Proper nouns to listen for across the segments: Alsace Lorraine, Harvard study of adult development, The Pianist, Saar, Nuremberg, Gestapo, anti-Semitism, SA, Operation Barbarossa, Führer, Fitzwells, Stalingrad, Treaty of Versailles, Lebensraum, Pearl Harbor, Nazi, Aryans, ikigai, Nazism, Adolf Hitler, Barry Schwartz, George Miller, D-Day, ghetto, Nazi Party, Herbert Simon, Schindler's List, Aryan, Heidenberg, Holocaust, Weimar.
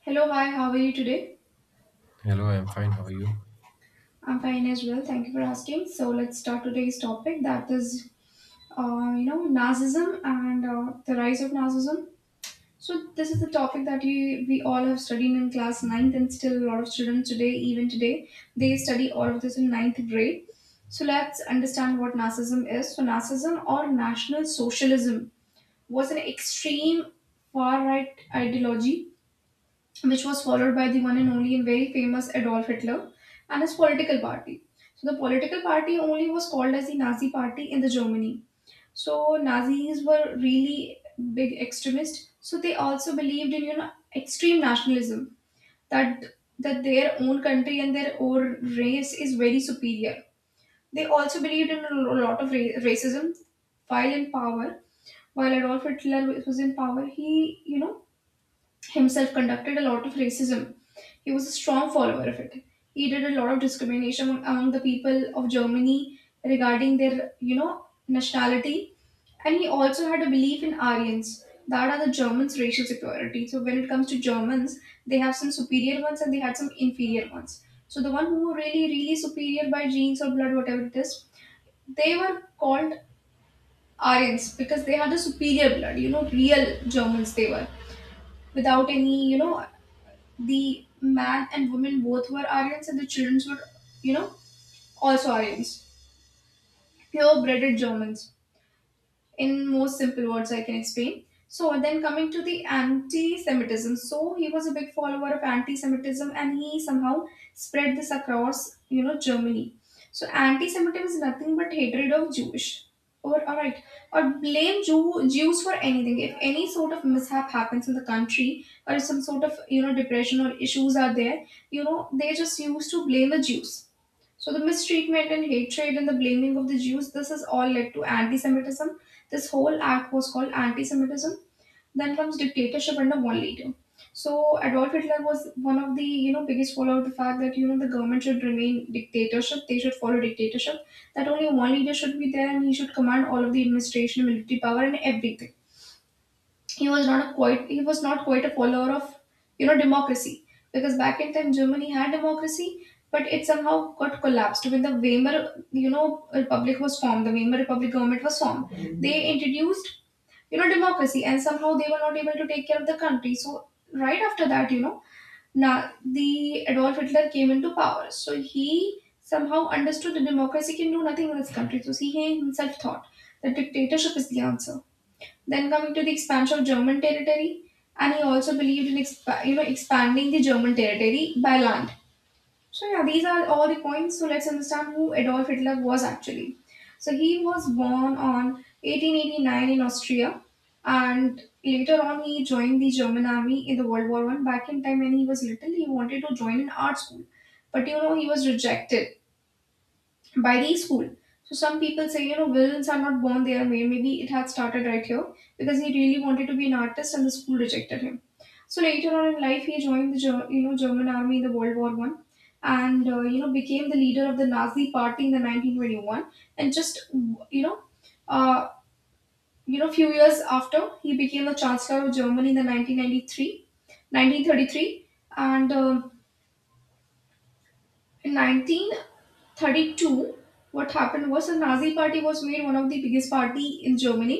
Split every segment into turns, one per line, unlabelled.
Hello, hi, how are you today?
Hello, I'm fine. How are you?
I'm fine as well. Thank you for asking. So let's start today's topic that is, narcissism and the rise of narcissism. So this is the topic that we all have studied in class ninth, and still a lot of students today, even today, they study all of this in ninth grade. So let's understand what narcissism is. So narcissism or National Socialism was an extreme far-right ideology which was followed by the one and only and very famous Adolf Hitler and his political party. So the political party only was called as the Nazi party in the Germany. So Nazis were really big extremists. So they also believed in extreme nationalism that that their own country and their own race is very superior. They also believed in a lot of racism while in power while Adolf Hitler was in power, he, himself conducted a lot of racism. He was a strong follower of it. He did a lot of discrimination among the people of Germany regarding their, nationality. And he also had a belief in Aryans. That are the Germans' racial superiority. So when it comes to Germans, they have some superior ones and they had some inferior ones. So the one who were really, really superior by genes or blood, whatever it is, they were called Aryans because they had a superior blood, real Germans they were without any, the man and woman both were Aryans, and the children were, you know, also Aryans, pure-bred Germans in most simple words I can explain. So then coming to the anti-Semitism. So he was a big follower of anti-Semitism and he somehow spread this across, Germany. So anti-Semitism is nothing but hatred of Jewish. Or alright. Or blame Jews for anything. If any sort of mishap happens in the country or some sort of depression or issues are there, they just used to blame the Jews. So the mistreatment and hatred and the blaming of the Jews, this has all led to anti-Semitism. This whole act was called anti-Semitism. Then comes dictatorship under one leader. So Adolf Hitler was one of the biggest follower of the fact that the government should remain dictatorship. They should follow dictatorship. That only one leader should be there and he should command all of the administration, military power, and everything. He was not a quite he was not quite a follower of democracy because back in time Germany had democracy but it somehow got collapsed when the Weimar you know republic was formed. The Weimar republic government was formed. They introduced democracy, and somehow they were not able to take care of the country. So right after that, now the Adolf Hitler came into power. So he somehow understood that democracy can do nothing in this country, so he himself thought that dictatorship is the answer. Then coming to the expansion of German territory, and he also believed in expanding the German territory by land. So yeah, these are all the points. So let's understand who Adolf Hitler was actually. So he was born on 1889 in Austria, and later on he joined the German army in the World War I. Back in time when he was little, he wanted to join an art school, but he was rejected by the school. So some people say, villains are not born their way. Maybe it had started right here because he really wanted to be an artist and the school rejected him. So later on in life, he joined the German army in the World War One, and became the leader of the Nazi party in the 1921. And just you know, uh, few years after, he became the chancellor of Germany in the 1933. And in 1932 what happened was the Nazi party was made one of the biggest party in Germany,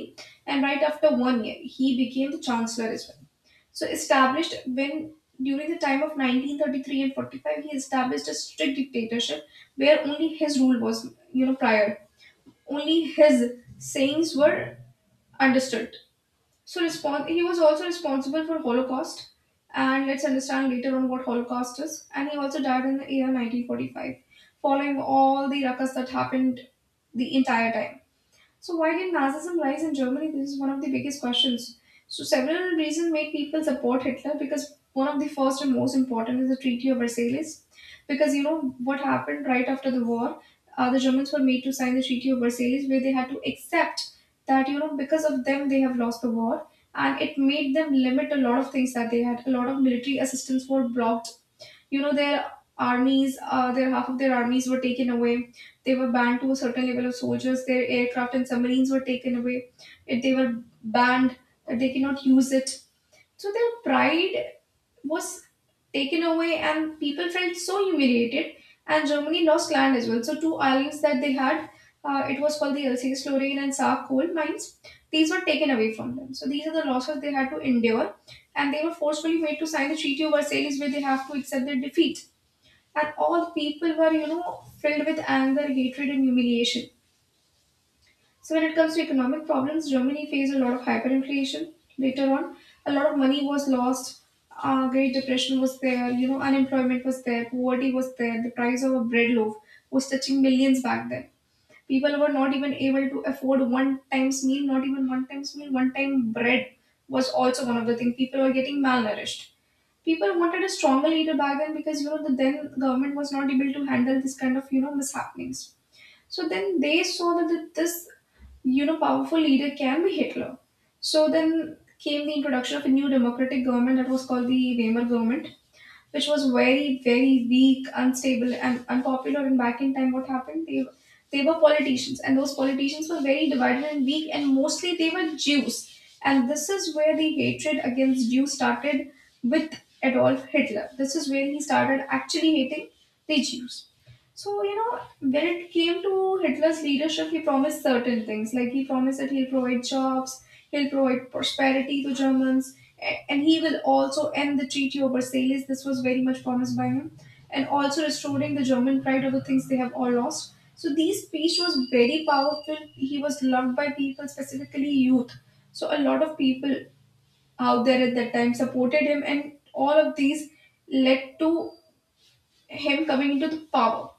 and right after one year he became the chancellor as well. So established when during the time of 1933 and 45 he established a strict dictatorship, where only his rule was prior. Only his sayings were understood. So he was also responsible for Holocaust, and let's understand later on what Holocaust is. And he also died in the year 1945, following all the ruckus that happened the entire time. So why did Nazism rise in Germany? This is one of the biggest questions. So several reasons made people support Hitler because one of the first and most important is the Treaty of Versailles. Because what happened right after the war, the Germans were made to sign the Treaty of Versailles where they had to accept that because of them they have lost the war, and it made them limit a lot of things that they had. A lot of military assistance were blocked. you know their their half of their armies were taken away. They were banned to a certain level of soldiers. Their aircraft and submarines were taken away. They were banned that they cannot use it. So their pride was taken away and people felt so humiliated. And Germany lost land as well. So two islands that they had, it was called the Alsace Lorraine and Saar coal mines. These were taken away from them. So these are the losses they had to endure, and they were forcefully made to sign the Treaty of Versailles, where they have to accept their defeat and all the people were, filled with anger, hatred, and humiliation. So when it comes to economic problems, Germany faced a lot of hyperinflation later on. A lot of money was lost. Great Depression was there. Unemployment was there. Poverty was there. The price of a bread loaf was touching millions back then. People were not even able to afford one times meal, not even one times meal, one time bread was also one of the things. People were getting malnourished. People wanted a stronger leader back then because the then government was not able to handle this kind of mishappenings. So then they saw that this powerful leader can be Hitler. So then came the introduction of a new democratic government that was called the Weimar government, which was very, very weak, unstable, and unpopular. And back in time, what happened? They were politicians, and those politicians were very divided and weak, and mostly they were Jews. And this is where the hatred against Jews started with Adolf Hitler. This is where he started actually hating the Jews. So, when it came to Hitler's leadership, he promised certain things. Like he promised that he'll provide jobs, he'll provide prosperity to Germans, and he will also end the treaty of Versailles. This was very much promised by him, and also restoring the German pride of the things they have all lost. So this speech was very powerful. He was loved by people, specifically youth. So a lot of people out there at that time supported him, and all of these led to him coming into the power.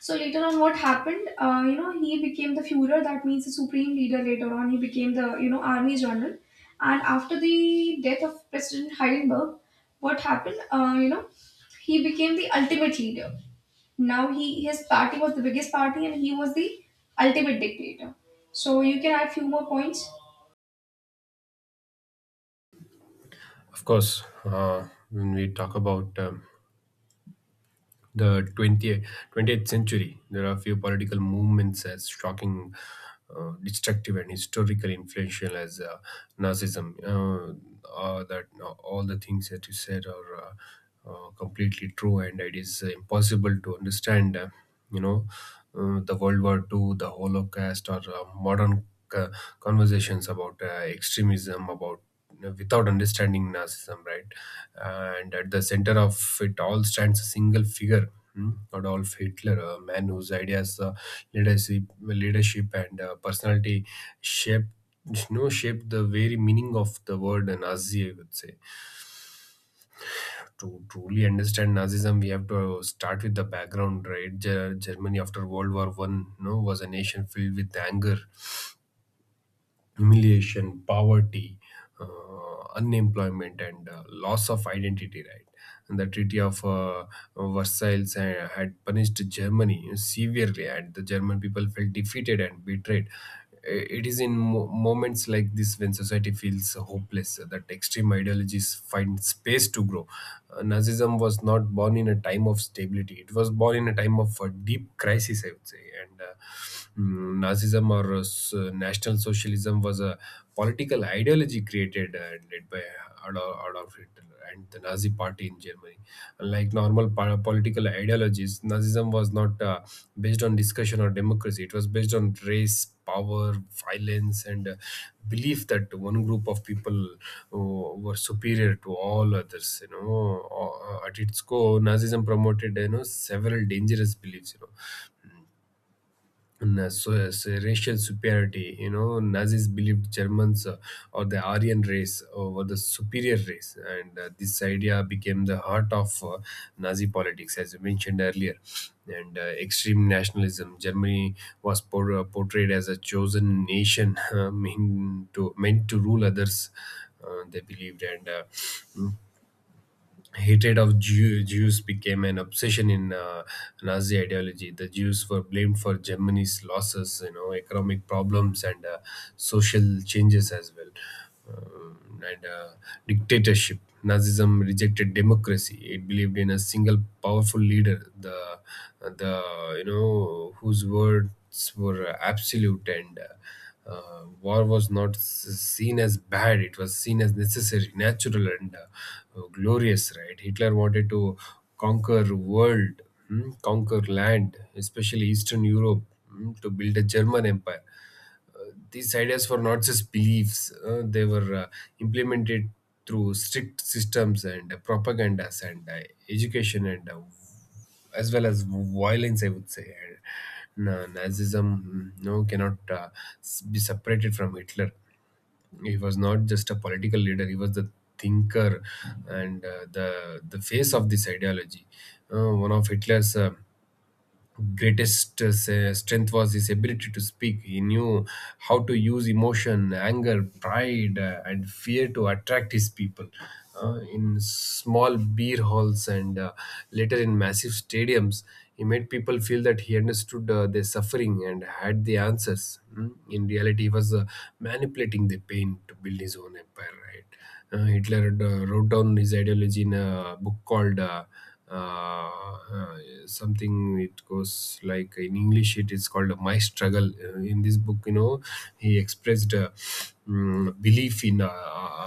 So later on, what happened? He became the Führer. That means the supreme leader. Later on, he became the army general. And after the death of President Heidenberg, what happened? He became the ultimate leader. Now he his party was the biggest party, and he was the ultimate dictator. So you can add few more points.
Of course, when we talk about the 20th century, there are a few political movements as shocking, destructive, and historically influential as Nazism. That All the things that you said are completely true, and it is impossible to understand. You know, the World War Two, the Holocaust, or modern uh, conversations about extremism, about without understanding narcissism, right? And at the center of it all stands a single figure. Adolf Hitler, a man whose ideas, leadership, leadership, and personality shaped, shaped the very meaning of the word Nazi. I would say to truly understand Nazism, we have to start with the background, right? Germany after World War One, you know, was a nation filled with anger, humiliation, poverty, unemployment, and loss of identity. Right, and the Treaty of Versailles had punished Germany severely, and the German people felt defeated and betrayed. It is in moments like this, when society feels hopeless, that extreme ideologies find space to grow. Nazism was not born in a time of stability; it was born in a time of deep crisis, I would say. Nazism, or National Socialism, was a political ideology created and led by Adolf Hitler and the Nazi Party in Germany. Unlike normal political ideologies, Nazism was not based on discussion or democracy. It was based on race, power, violence, and belief that one group of people were superior to all others. You know, at its core, Nazism promoted, several dangerous beliefs. Racial superiority. You know, Nazis believed Germans, or the Aryan race, were the superior race, and this idea became the heart of Nazi politics, as you mentioned earlier. And extreme nationalism. Germany was portrayed as a chosen nation meant to rule others, they believed. And hatred of Jews became an obsession in Nazi ideology. The Jews were blamed for Germany's losses, you know, economic problems, and social changes as well, and dictatorship. Nazism rejected democracy. It believed in a single powerful leader, the you know whose words were absolute. And. War was not seen as bad; it was seen as necessary, natural, and glorious. Right? Hitler wanted to conquer world, conquer land, especially Eastern Europe, to build a German empire. These ideas were not just beliefs, they were implemented through strict systems, and propagandas, and education, and as well as violence, I would say. Nazism no, cannot be separated from Hitler. He was not just a political leader, he was the thinker and the face of this ideology. One of Hitler's greatest strength was his ability to speak. He knew how to use emotion, anger, pride, and fear to attract his people. In small beer halls and later in massive stadiums, he made people feel that he understood their suffering and had the answers. In reality, he was manipulating the pain to build his own empire, right? Hitler wrote down his ideology in a book called uh, uh, something. It goes like, in English, it is called My Struggle. In this book, you know, he expressed belief in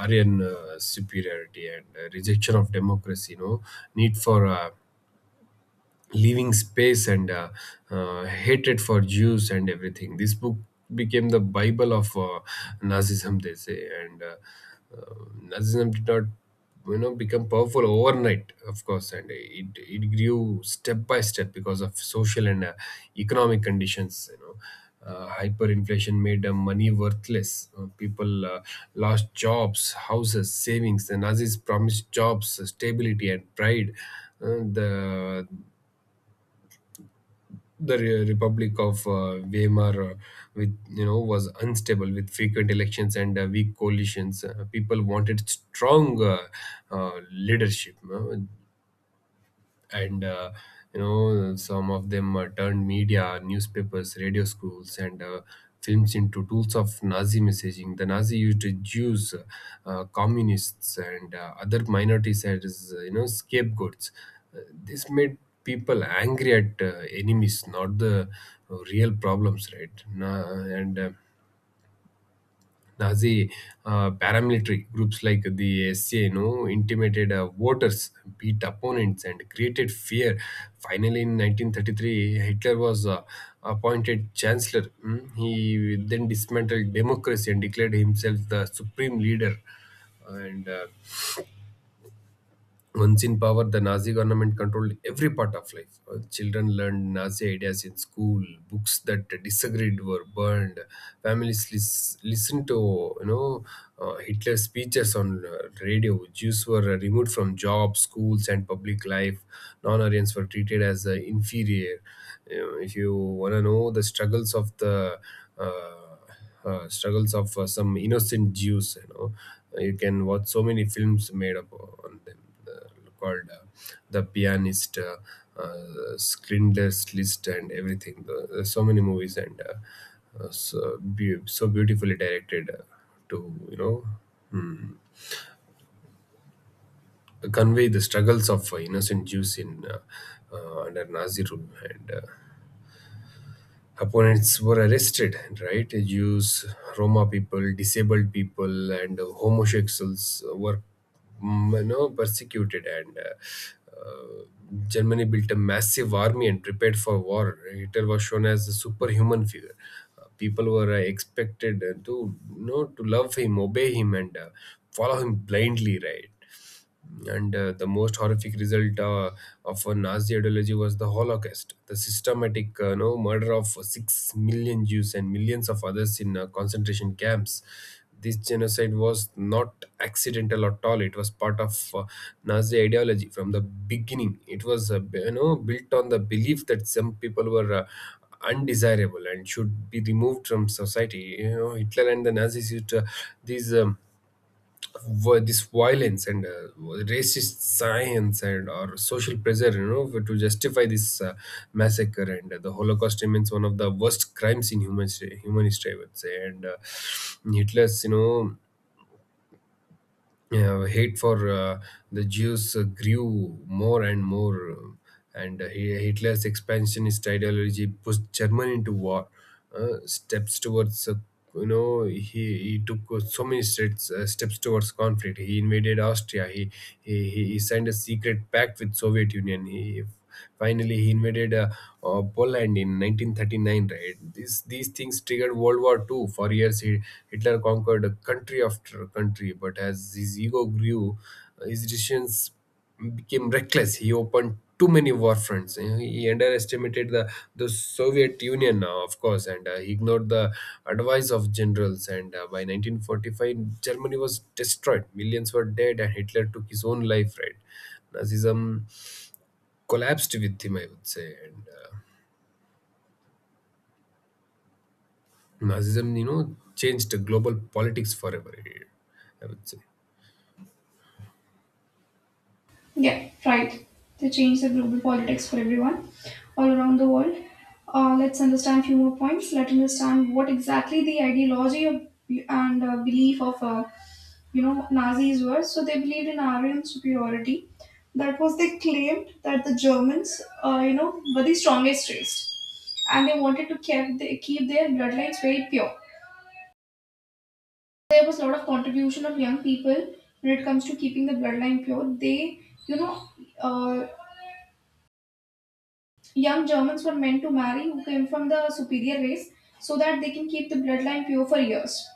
Aryan superiority, and rejection of democracy, you know, need for living space, and hatred for Jews and everything. This book became the Bible of Nazism, they say. And uh, Nazism did not, you know, become powerful overnight, of course, and it grew step by step because of social and economic conditions, you know. Hyperinflation made money worthless. People lost jobs, houses, savings. The Nazis promised jobs, stability, and pride. Uh, the the Republic of Weimar, with, you know, was unstable, with frequent elections and weak coalitions. People wanted strong leadership. And uh, you know, some of them turned media, newspapers, radio, schools, and films into tools of Nazi messaging. The Nazi used Jews, communists, and other minorities as, scapegoats. Uh, this made people angry at enemies, not the real problems, right? Na- and Nazi paramilitary groups like the SA, you know, intimidated voters, beat opponents, and created fear. Finally, in 1933, Hitler was appointed chancellor. He then dismantled democracy and declared himself the supreme leader. And once in power, the Nazi government controlled every part of life. Children learned Nazi ideas in school. Books that disagreed were burned. Families listened to, Hitler's speeches on radio. Jews were removed from jobs, schools, and public life. Non-Aryans were treated as inferior. You know, if you want to know the uh, struggles of some innocent Jews, you know, you can watch so many films made up on them, called The Pianist, Schindler's List, and everything. So many movies, and so beautifully directed to, mm, convey the struggles of innocent Jews in under Nazi rule. And. Opponents were arrested, right? Jews, Roma people, disabled people, and homosexuals were, persecuted. And Germany built a massive army and prepared for war. Hitler was shown as a superhuman figure. People were expected to you know to love him, obey him, and follow him blindly, right? And the most horrific result of a Nazi ideology was the Holocaust, the systematic no, murder of 6 million Jews and millions of others in concentration camps. This genocide was not accidental at all. It was part of Nazi ideology from the beginning. It was you know, built on the belief that some people were undesirable and should be removed from society. You know, Hitler and the Nazis used these. Um, this violence, and racist science, and or social pressure, you know, to justify this massacre. And the Holocaust remains one of the worst crimes in human history, I would say. And Hitler's, you know, hate for the Jews grew more and more. Hitler's expansionist ideology pushed Germany into war. Steps towards, you know, he, he took so many steps, steps towards conflict. He invaded Austria. He signed a secret pact with Soviet Union. He Finally, he invaded Poland in 1939. Right, these things triggered World War Two. For years, Hitler conquered a country after country, but as his ego grew, his decisions became reckless. He opened too many war fronts. You know, he underestimated the Soviet Union, of course, and he ignored the advice of generals. And by 1945, Germany was destroyed. Millions were dead, and Hitler took his own life. Right, Nazism collapsed with him, I would say. And Nazism, you know, changed the global politics forever, I would say.
Yeah, right. They changed the global politics for everyone all around the world. Let's understand few more points. Let's understand what exactly the ideology of, and belief of, Nazis were. So they believed in Aryan superiority. That was they claimed that the Germans, were the strongest race, and they wanted to keep they keep their bloodlines very pure. There was a lot of contribution of young people when it comes to keeping the bloodline pure. You know, uh, Young Germans were meant to marry who came from the superior race so that they can keep the bloodline pure for years.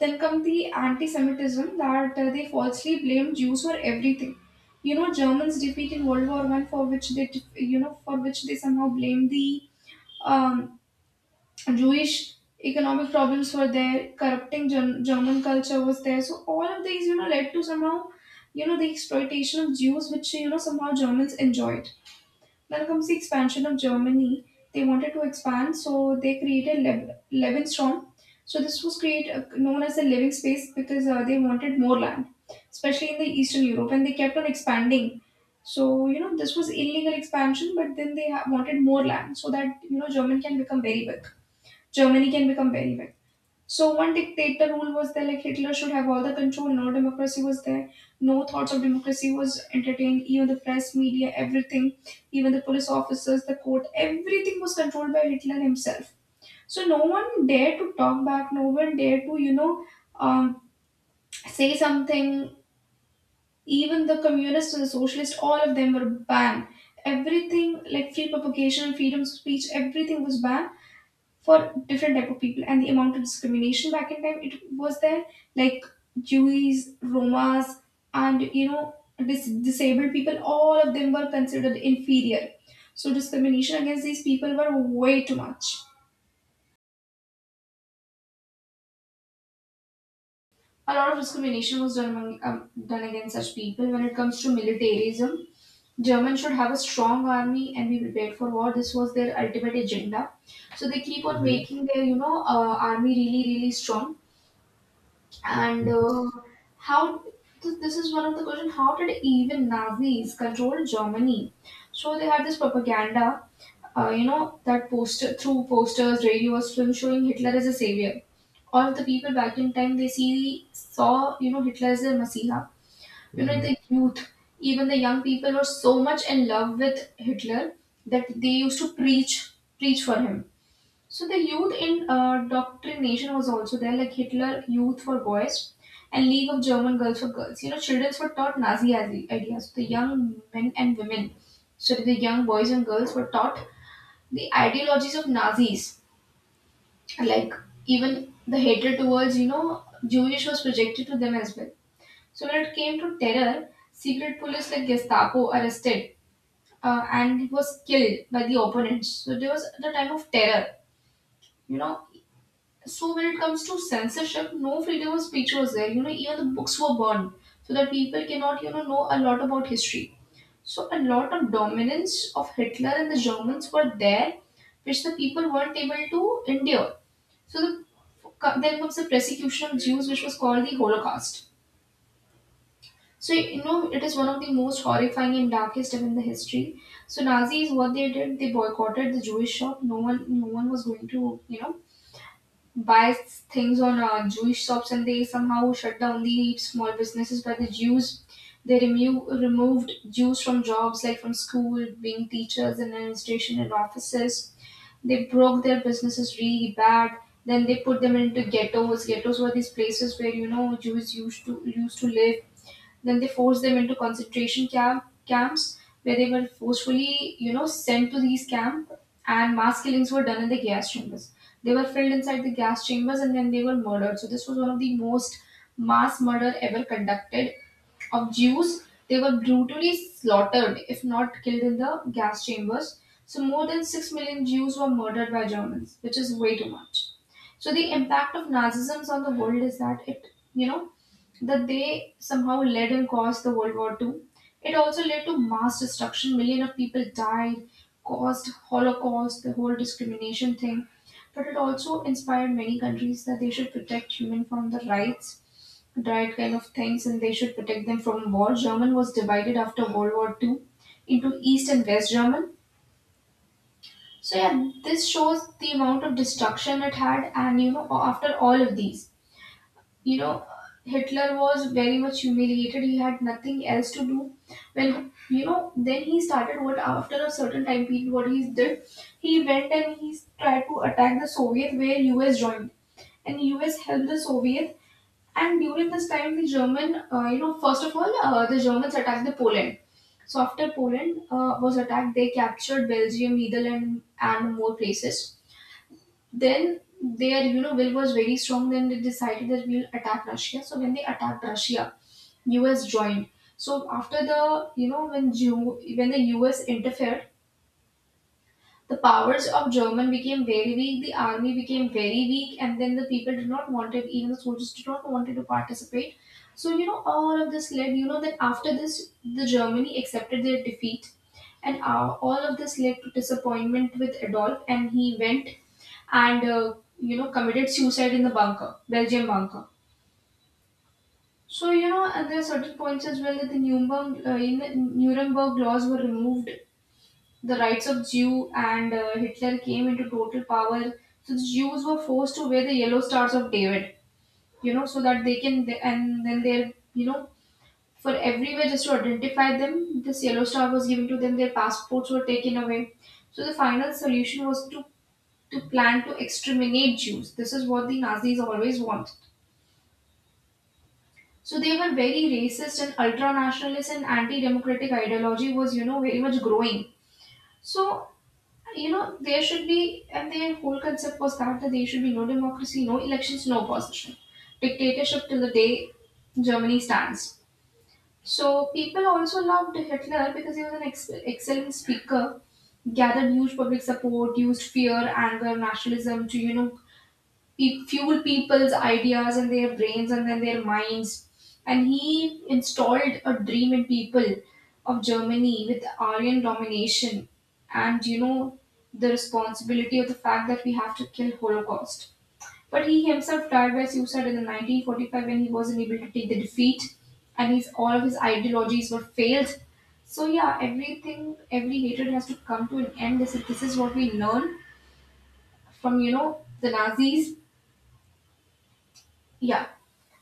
Then come the anti Semitism that they falsely blamed Jews for everything. Germans defeat in World War I for which they, def- you know, for which they somehow blame the um, Jewish economic problems were there, corrupting German culture was there. So all of these, led to somehow, the exploitation of Jews, which somehow Germans enjoyed. Then comes to the expansion of Germany. They wanted to expand, so they created Lebensraum. So this was create known as a living space because they wanted more land, especially in the Eastern Europe, and they kept on expanding. So you know this was illegal expansion, but then they wanted more land so that you know German can become very big. Germany can become very big. So one dictator rule was there, like Hitler should have all the control, no democracy was there, no thoughts of democracy was entertained, even the press, media, everything, even the police officers, the court, everything was controlled by Hitler himself. So no one dared to talk back, no one dared to, you know, um, say something. Even the communists and the socialists, all of them were banned. Everything like free propagation, freedom of speech, everything was banned for different type of people and the amount of discrimination back in time it was there like Jews, Romas, and you know disabled people, all of them were considered inferior. So discrimination against these people were way too much. A lot of discrimination was done done against such people. When it comes to militarism, Germans should have a strong army and be prepared for war. This was their ultimate agenda. So they keep on making their, army really, really strong. And how this is one of the question: how did even Nazis control Germany? So they had this propaganda, you know, that poster through posters, radios, film showing Hitler as a savior. All the people back in time they see saw you know Hitler as their messiah. You know the youth, even the young people were so much in love with Hitler that they used to preach for him. So the youth in indoctrination was also there, like Hitler Youth for Boys and League of German Girls for Girls. You know, children were taught Nazi ideas. The young men and women, so the young boys and girls were taught the ideologies of Nazis, like even the hatred towards, you know, Jewish was projected to them as well. So when it came to terror, secret police like Gestapo arrested and was killed by the opponents. So there was the time of terror, you know. So when it comes to censorship, no freedom of speech was there. You know, even the books were burned so that people cannot, you know a lot about history. So a lot of dominance of Hitler and the Germans were there, which the people weren't able to endure. So the, then comes the persecution of Jews, which was called the Holocaust. So you know, it is one of the most horrifying and darkest event in the history. So Nazis, what they did, they boycotted the Jewish shop. No one, no one was going to, you know, buy things on Jewish shops, and they somehow shut down the small businesses by the Jews. They removed Jews from jobs like from school, being teachers in administration and offices. They broke their businesses really bad. Then they put them into ghettos. Ghettos were these places where you know Jews used to live. Then they forced them into camps where they were forcefully, you know, sent to these camps and mass killings were done in the gas chambers. They were filled inside the gas chambers and then they were murdered. So this was one of the most mass murder ever conducted of Jews. They were brutally slaughtered, if not killed in the gas chambers. So more than 6 million Jews were murdered by Germans, which is way too much. So the impact of Nazism on the world is that it, you know, that they somehow led and caused the World War Two. It also led to mass destruction. Million of people died, caused Holocaust, the whole discrimination thing. But it also inspired many countries that they should protect human from the rights, right kind of things, and they should protect them from war. German was divided after World War Two into East and West German. So yeah, this shows the amount of destruction it had, and you know, after all of these you know Hitler was very much humiliated. He had nothing else to do. Well, you know, then he started what after a certain time period what he did, he went and he tried to attack the Soviet where US joined and US helped the Soviet. And during this time the german you know first of all the Germans attacked the Poland. So after Poland was attacked they captured Belgium, Netherlands, and more places. Then their you know will was very strong. Then they decided that we'll attack Russia. So when they attacked Russia, US joined. So after the you know when when the US interfered, the powers of German became very weak, the army became very weak, and then the people did not want it, even the soldiers did not wanted to participate. So, you know, all of this led, you know, that after this, the Germany accepted their defeat, and all of this led to disappointment with Adolf, and he went and you know committed suicide in the bunker, Belgium bunker. So you know, and there are certain points as well that in the Nuremberg laws were removed the rights of Jew and Hitler came into total power. So the Jews were forced to wear the yellow stars of David, you know, so that they can, and then they're, you know, for everywhere just to identify them, this yellow star was given to them, their passports were taken away. So the final solution was to plan to exterminate Jews. This is what the Nazis always wanted. So they were very racist and ultra nationalist and anti democratic ideology was, you know, very much growing. So you know, there should be, and their whole concept was that there should be no democracy, no elections, no opposition. Dictatorship till the day Germany stands. So people also loved Hitler because he was an excellent speaker, gathered huge public support, used fear, anger, nationalism to, you know, fuel people's ideas and their brains and then their minds. And he installed a dream in people of Germany with Aryan domination and you know the responsibility of the fact that we have to kill Holocaust. But he himself died by suicide in the 1945 when he wasn't able to take the defeat and his all of his ideologies were failed. So yeah, everything, every hatred has to come to an end. This is what we learn from you know the Nazis. Yeah.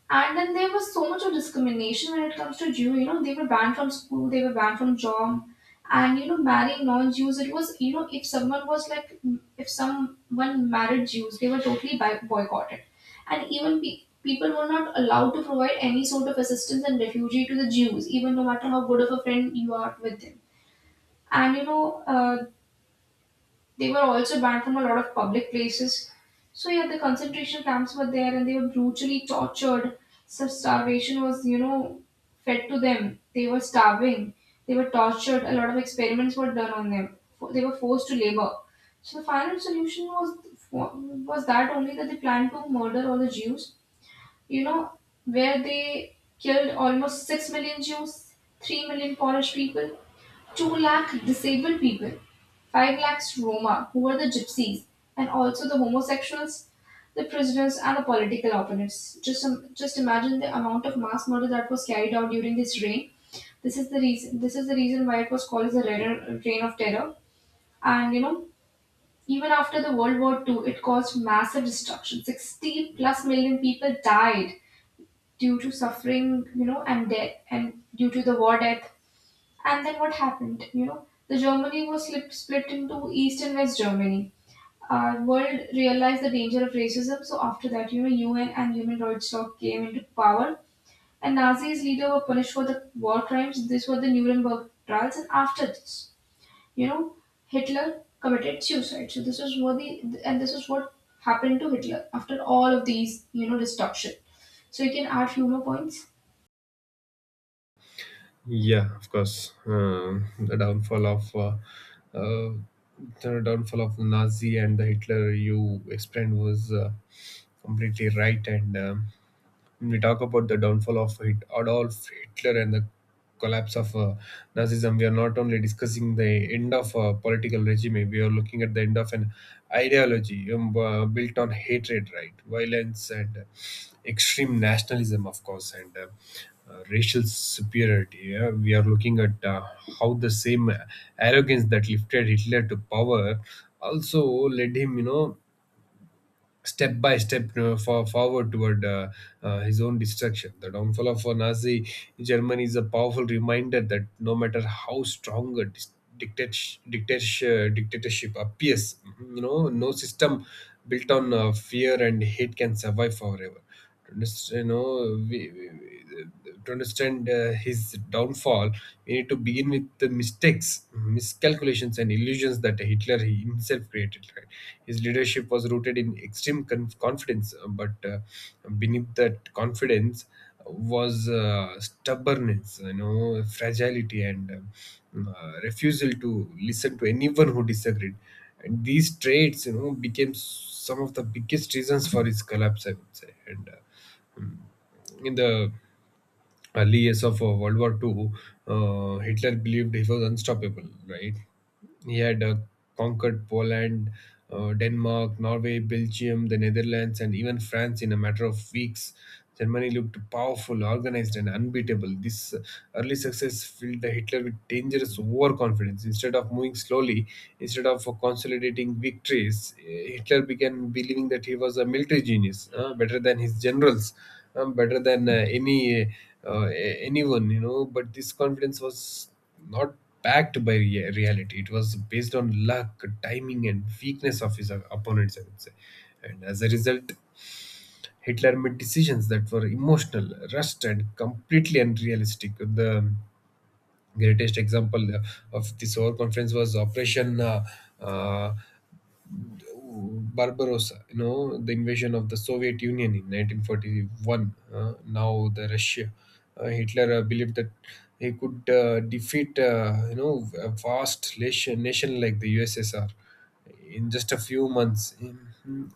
And then there was so much of discrimination when it comes to Jew. You know, they were banned from school, they were banned from job, and you know, marrying non-Jews. It was you know, if someone married Jews, they were totally boycotted, and even people were not allowed to provide any sort of assistance and refugee to the Jews, even no matter how good of a friend you are with them. And you know, they were also banned from a lot of public places. So yeah, the concentration camps were there, and they were brutally tortured. So starvation was, you know, fed to them. They were starving. They were tortured. A lot of experiments were done on them. They were forced to labor. So the final solution was that only that they planned to murder all the Jews. You know, where they killed almost 6 million Jews, 3 million Polish people. 2 lakh disabled people, 5 lakhs Roma, who were the gypsies, and also the homosexuals, the prisoners, and the political opponents. Just imagine the amount of mass murder that was carried out during this reign. This is the reason. This is the reason why it was called as the reign of terror. And you know, even after the World War II, it caused massive destruction. 60 plus million people died due to suffering, you know, and death, and due to the war death. And then what happened? You know, the Germany was split into East and West Germany. World realized the danger of racism. So after that, you know, UN and human rights law came into power. And Nazis leader were punished for the war crimes. These were the Nuremberg trials. And after this, you know, Hitler committed suicide. So this was what the and this is what happened to Hitler after all of these, you know, destruction. So you can add few more points.
Yeah, of course. Um the downfall of uh, the downfall of the Nazi and the Hitler you explained was completely right. and When we talk about the downfall of Adolf Hitler and the collapse of Nazism, we are not only discussing the end of a political regime, we are looking at the end of an ideology, built on hatred, right? Violence, and extreme nationalism, of course, and racial superiority. Yeah. We are looking at how the same arrogance that lifted Hitler to power also led him, you know, step by step forward toward his own destruction. The downfall of Nazi Germany is a powerful reminder that no matter how strong a dictatorship appears, you know, no system built on fear and hate can survive forever. To understand, to understand his downfall, we need to begin with the mistakes, miscalculations, and illusions that Hitler himself created. Right? His leadership was rooted in extreme confidence, but beneath that confidence was stubbornness, you know, fragility, and refusal to listen to anyone who disagreed. And these traits, you know, became some of the biggest reasons for his collapse, I would say. And in the early years of World War II, Hitler believed he was unstoppable, right? He had conquered Poland, Denmark, Norway, Belgium, the Netherlands, and even France in a matter of weeks. Germany looked powerful, organized, and unbeatable. This early success filled the Hitler with dangerous overconfidence. Instead of moving slowly, instead of consolidating victories, Hitler began believing that he was a military genius, better than his generals, better than any. Anyone, you know. But this confidence was not backed by reality. It was based on luck, timing, and weakness of his opponents, I would say. And as a result, Hitler made decisions that were emotional, rushed, and completely unrealistic. The greatest example of this overconfidence was Operation uh, Barbarossa, you know, the invasion of the Soviet Union in 1941. Now the Russia, Hitler believed that he could defeat, you know, a vast nation like the USSR in just a few months.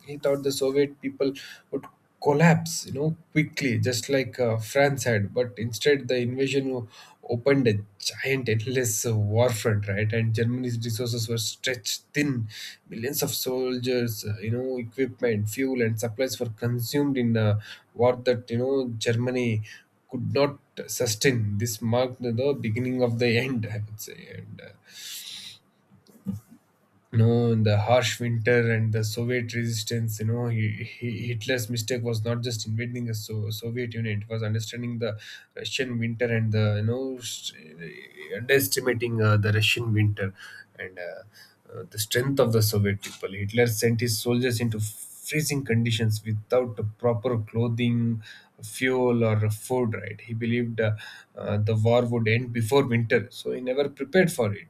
He thought the Soviet people would collapse, you know, quickly, just like France had. But instead, the opened a giant, endless war, right? And Germany's resources were stretched thin. Millions of soldiers, you know, equipment, fuel, and supplies were consumed in a war that, you know, Germany could not sustain. This marked the beginning of the end, I would say. And you know, in the harsh winter and the Soviet resistance, you know, Hitler's mistake was not just invading the Soviet Union. It was understanding the Russian winter and the you know st- underestimating the Russian winter and the strength of the Soviet people. Hitler sent his soldiers into freezing conditions without the proper clothing, fuel, or food, right? He believed the war would end before winter, so he never prepared for it.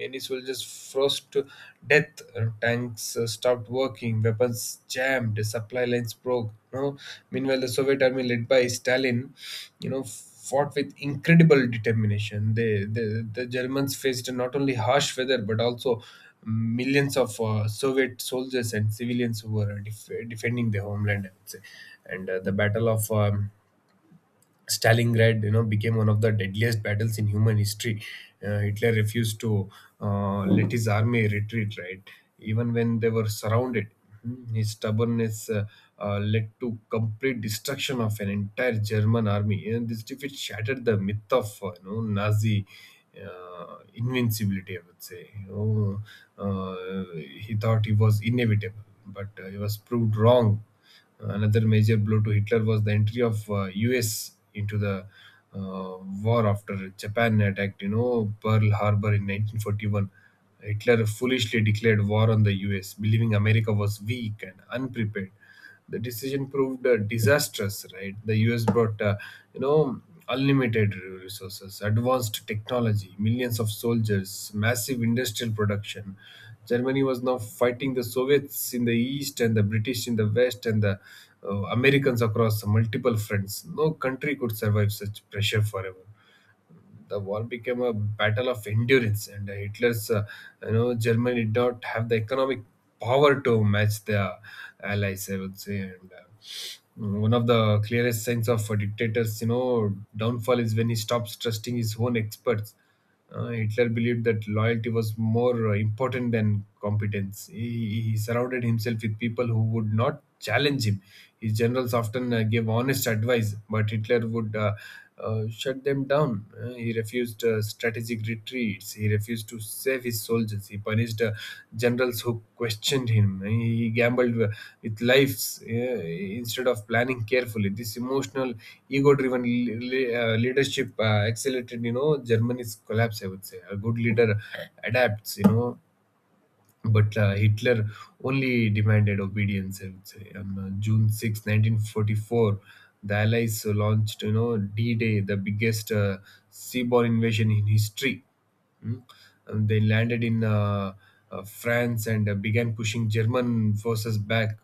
Many soldiers froze to death. Tanks stopped working, weapons jammed, supply lines broke. You know? Meanwhile, the Soviet army, led by Stalin, you know, fought with incredible determination. The Germans faced not only harsh weather but also millions of Soviet soldiers and civilians who were defending their homeland, I would say. And the Battle of Stalingrad, you know, became one of the deadliest battles in human history. Hitler refused to let his army retreat, right? Even when they were surrounded, Hmm, his stubbornness led to complete destruction of an entire German army. And this defeat shattered the myth of you know, Nazi invincibility, I would say. You know, he thought he was inevitable, but he was proved wrong. Another major blow to Hitler was the entry of US into the uh, war after Japan attacked, you know, Pearl Harbor in 1941. Hitler foolishly declared war on the US, believing America was weak and unprepared. The decision proved disastrous, right? The US brought, you know, unlimited resources, advanced technology, millions of soldiers, massive industrial production. Germany was now fighting the Soviets in the east and the British in the west and the Americans across multiple fronts. No country could survive such pressure forever. The war became a battle of endurance, and Hitler's, you know, Germany did not have the economic power to match their allies, I would say. And Mm, one of the clearest signs of a dictator's, you know, downfall is when he stops trusting his own experts. Uh, Hitler believed that loyalty was more important than competence. He surrounded himself with people who would not challenge him. His generals often gave honest advice, but Hitler would shut them down. He refused strategic retreats. He refused to save his soldiers. He punished generals who questioned him. He gambled with lives instead of planning carefully. This emotional, ego-driven leadership accelerated, you know, Germany's collapse. I would say a good leader adapts, you know, but Hitler only demanded obedience, I would say. On June 6th, 1944, the Allies launched, you know, D-Day, the biggest seaborne invasion in history. Hmm? They landed in France and began pushing German forces back.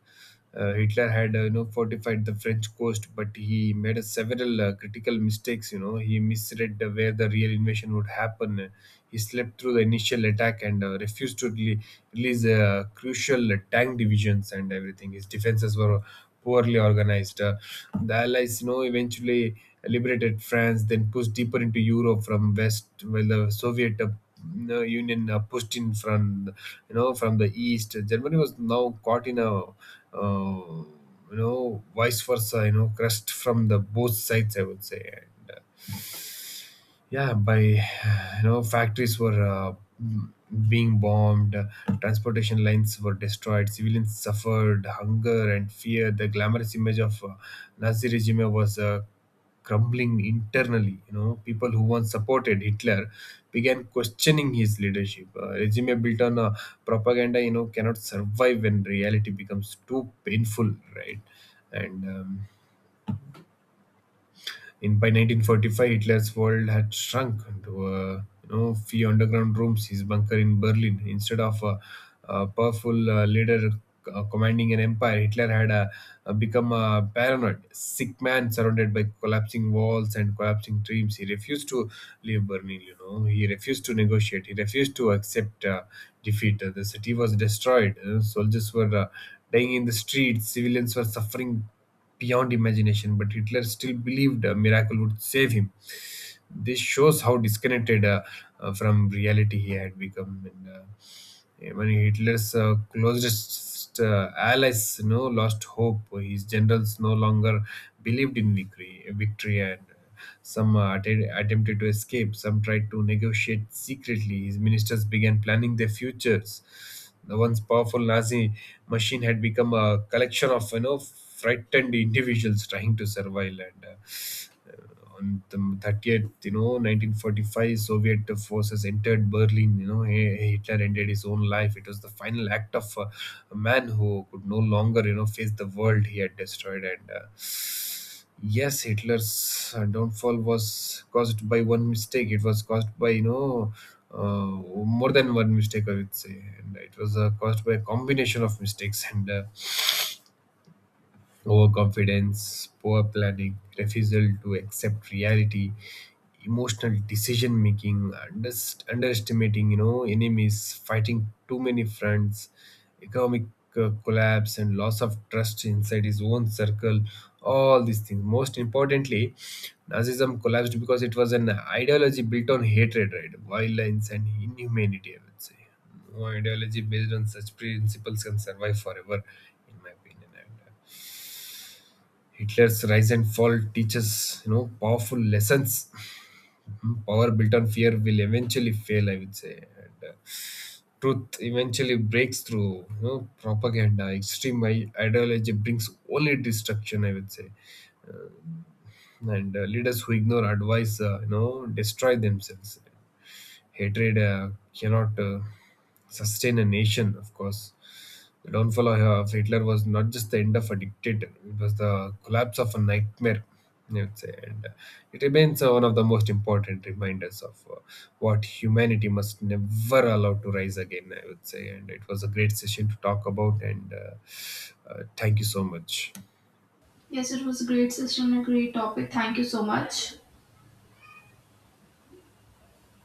Hitler had you know, fortified the French coast, but he made a several critical mistakes. You know, he misread where the real invasion would happen. He slept through the initial attack and refused to release crucial tank divisions and everything. His defenses were poorly organized. The Allies, you know, eventually liberated France, then pushed deeper into Europe from west, while the Soviet you Union pushed in from you know from the east. Germany was now caught in a you know, vice versa, you know, crushed from the both sides, I would say. And, yeah, by you know, factories were m- being bombed, transportation lines were destroyed, civilians suffered hunger and fear. The glamorous image of Nazi regime was crumbling internally. You know, people who once supported Hitler began questioning his leadership. Uh, regime built on propaganda, you know, cannot survive when reality becomes too painful, right? And in by 1945, Hitler's world had shrunk to a, you know, few underground rooms, his bunker in Berlin. Instead of a powerful leader commanding an empire, Hitler had become a paranoid, sick man surrounded by collapsing walls and collapsing dreams. He refused to leave Berlin. You know, he refused to negotiate. He refused to accept defeat. The city was destroyed. Soldiers were dying in the streets. Civilians were suffering beyond imagination, but Hitler still believed a miracle would save him. This shows how disconnected from reality he had become. And, even Hitler's closest allies, you know, lost hope. His generals no longer believed in victory, and some attempted to escape, some tried to negotiate secretly. His ministers began planning their futures. The once powerful Nazi machine had become a collection of, you know, frightened individuals trying to survive. And on the 30th, you know, 1945, Soviet forces entered Berlin. You know, Hitler ended his own life. It was the final act of a man who could no longer, you know, face the world he had destroyed. And uh, yes, Hitler's downfall was caused by one mistake. It was caused by, you know, uh, more than one mistake, I would say, and it was caused by a combination of mistakes. And overconfidence, poor planning, refusal to accept reality, emotional decision making, underestimating, you know, enemies, fighting too many fronts, economic collapse, and loss of trust inside his own circle. All these things. Most importantly, Nazism collapsed because it was an ideology built on hatred, right? Violence and inhumanity, I would say. No ideology based on such principles can survive forever, in my opinion. Hitler's rise and fall teaches, you know, powerful lessons. Mhm. Power built on fear will eventually fail, I would say. And truth eventually breaks through, you know, propaganda. Extreme ideology brings only destruction, I would say. Uh, and leaders who ignore advice, you know, destroy themselves. Hatred cannot sustain a nation, of course. The downfall of Hitler was not just the end of a dictator, it was the collapse of a nightmare, I would say. And it remains one of the most important reminders of what humanity must never allow to rise again, I would say. And it was a great session to talk about. And thank you so much.
Yes, it was a great session, a great topic. Thank you so much.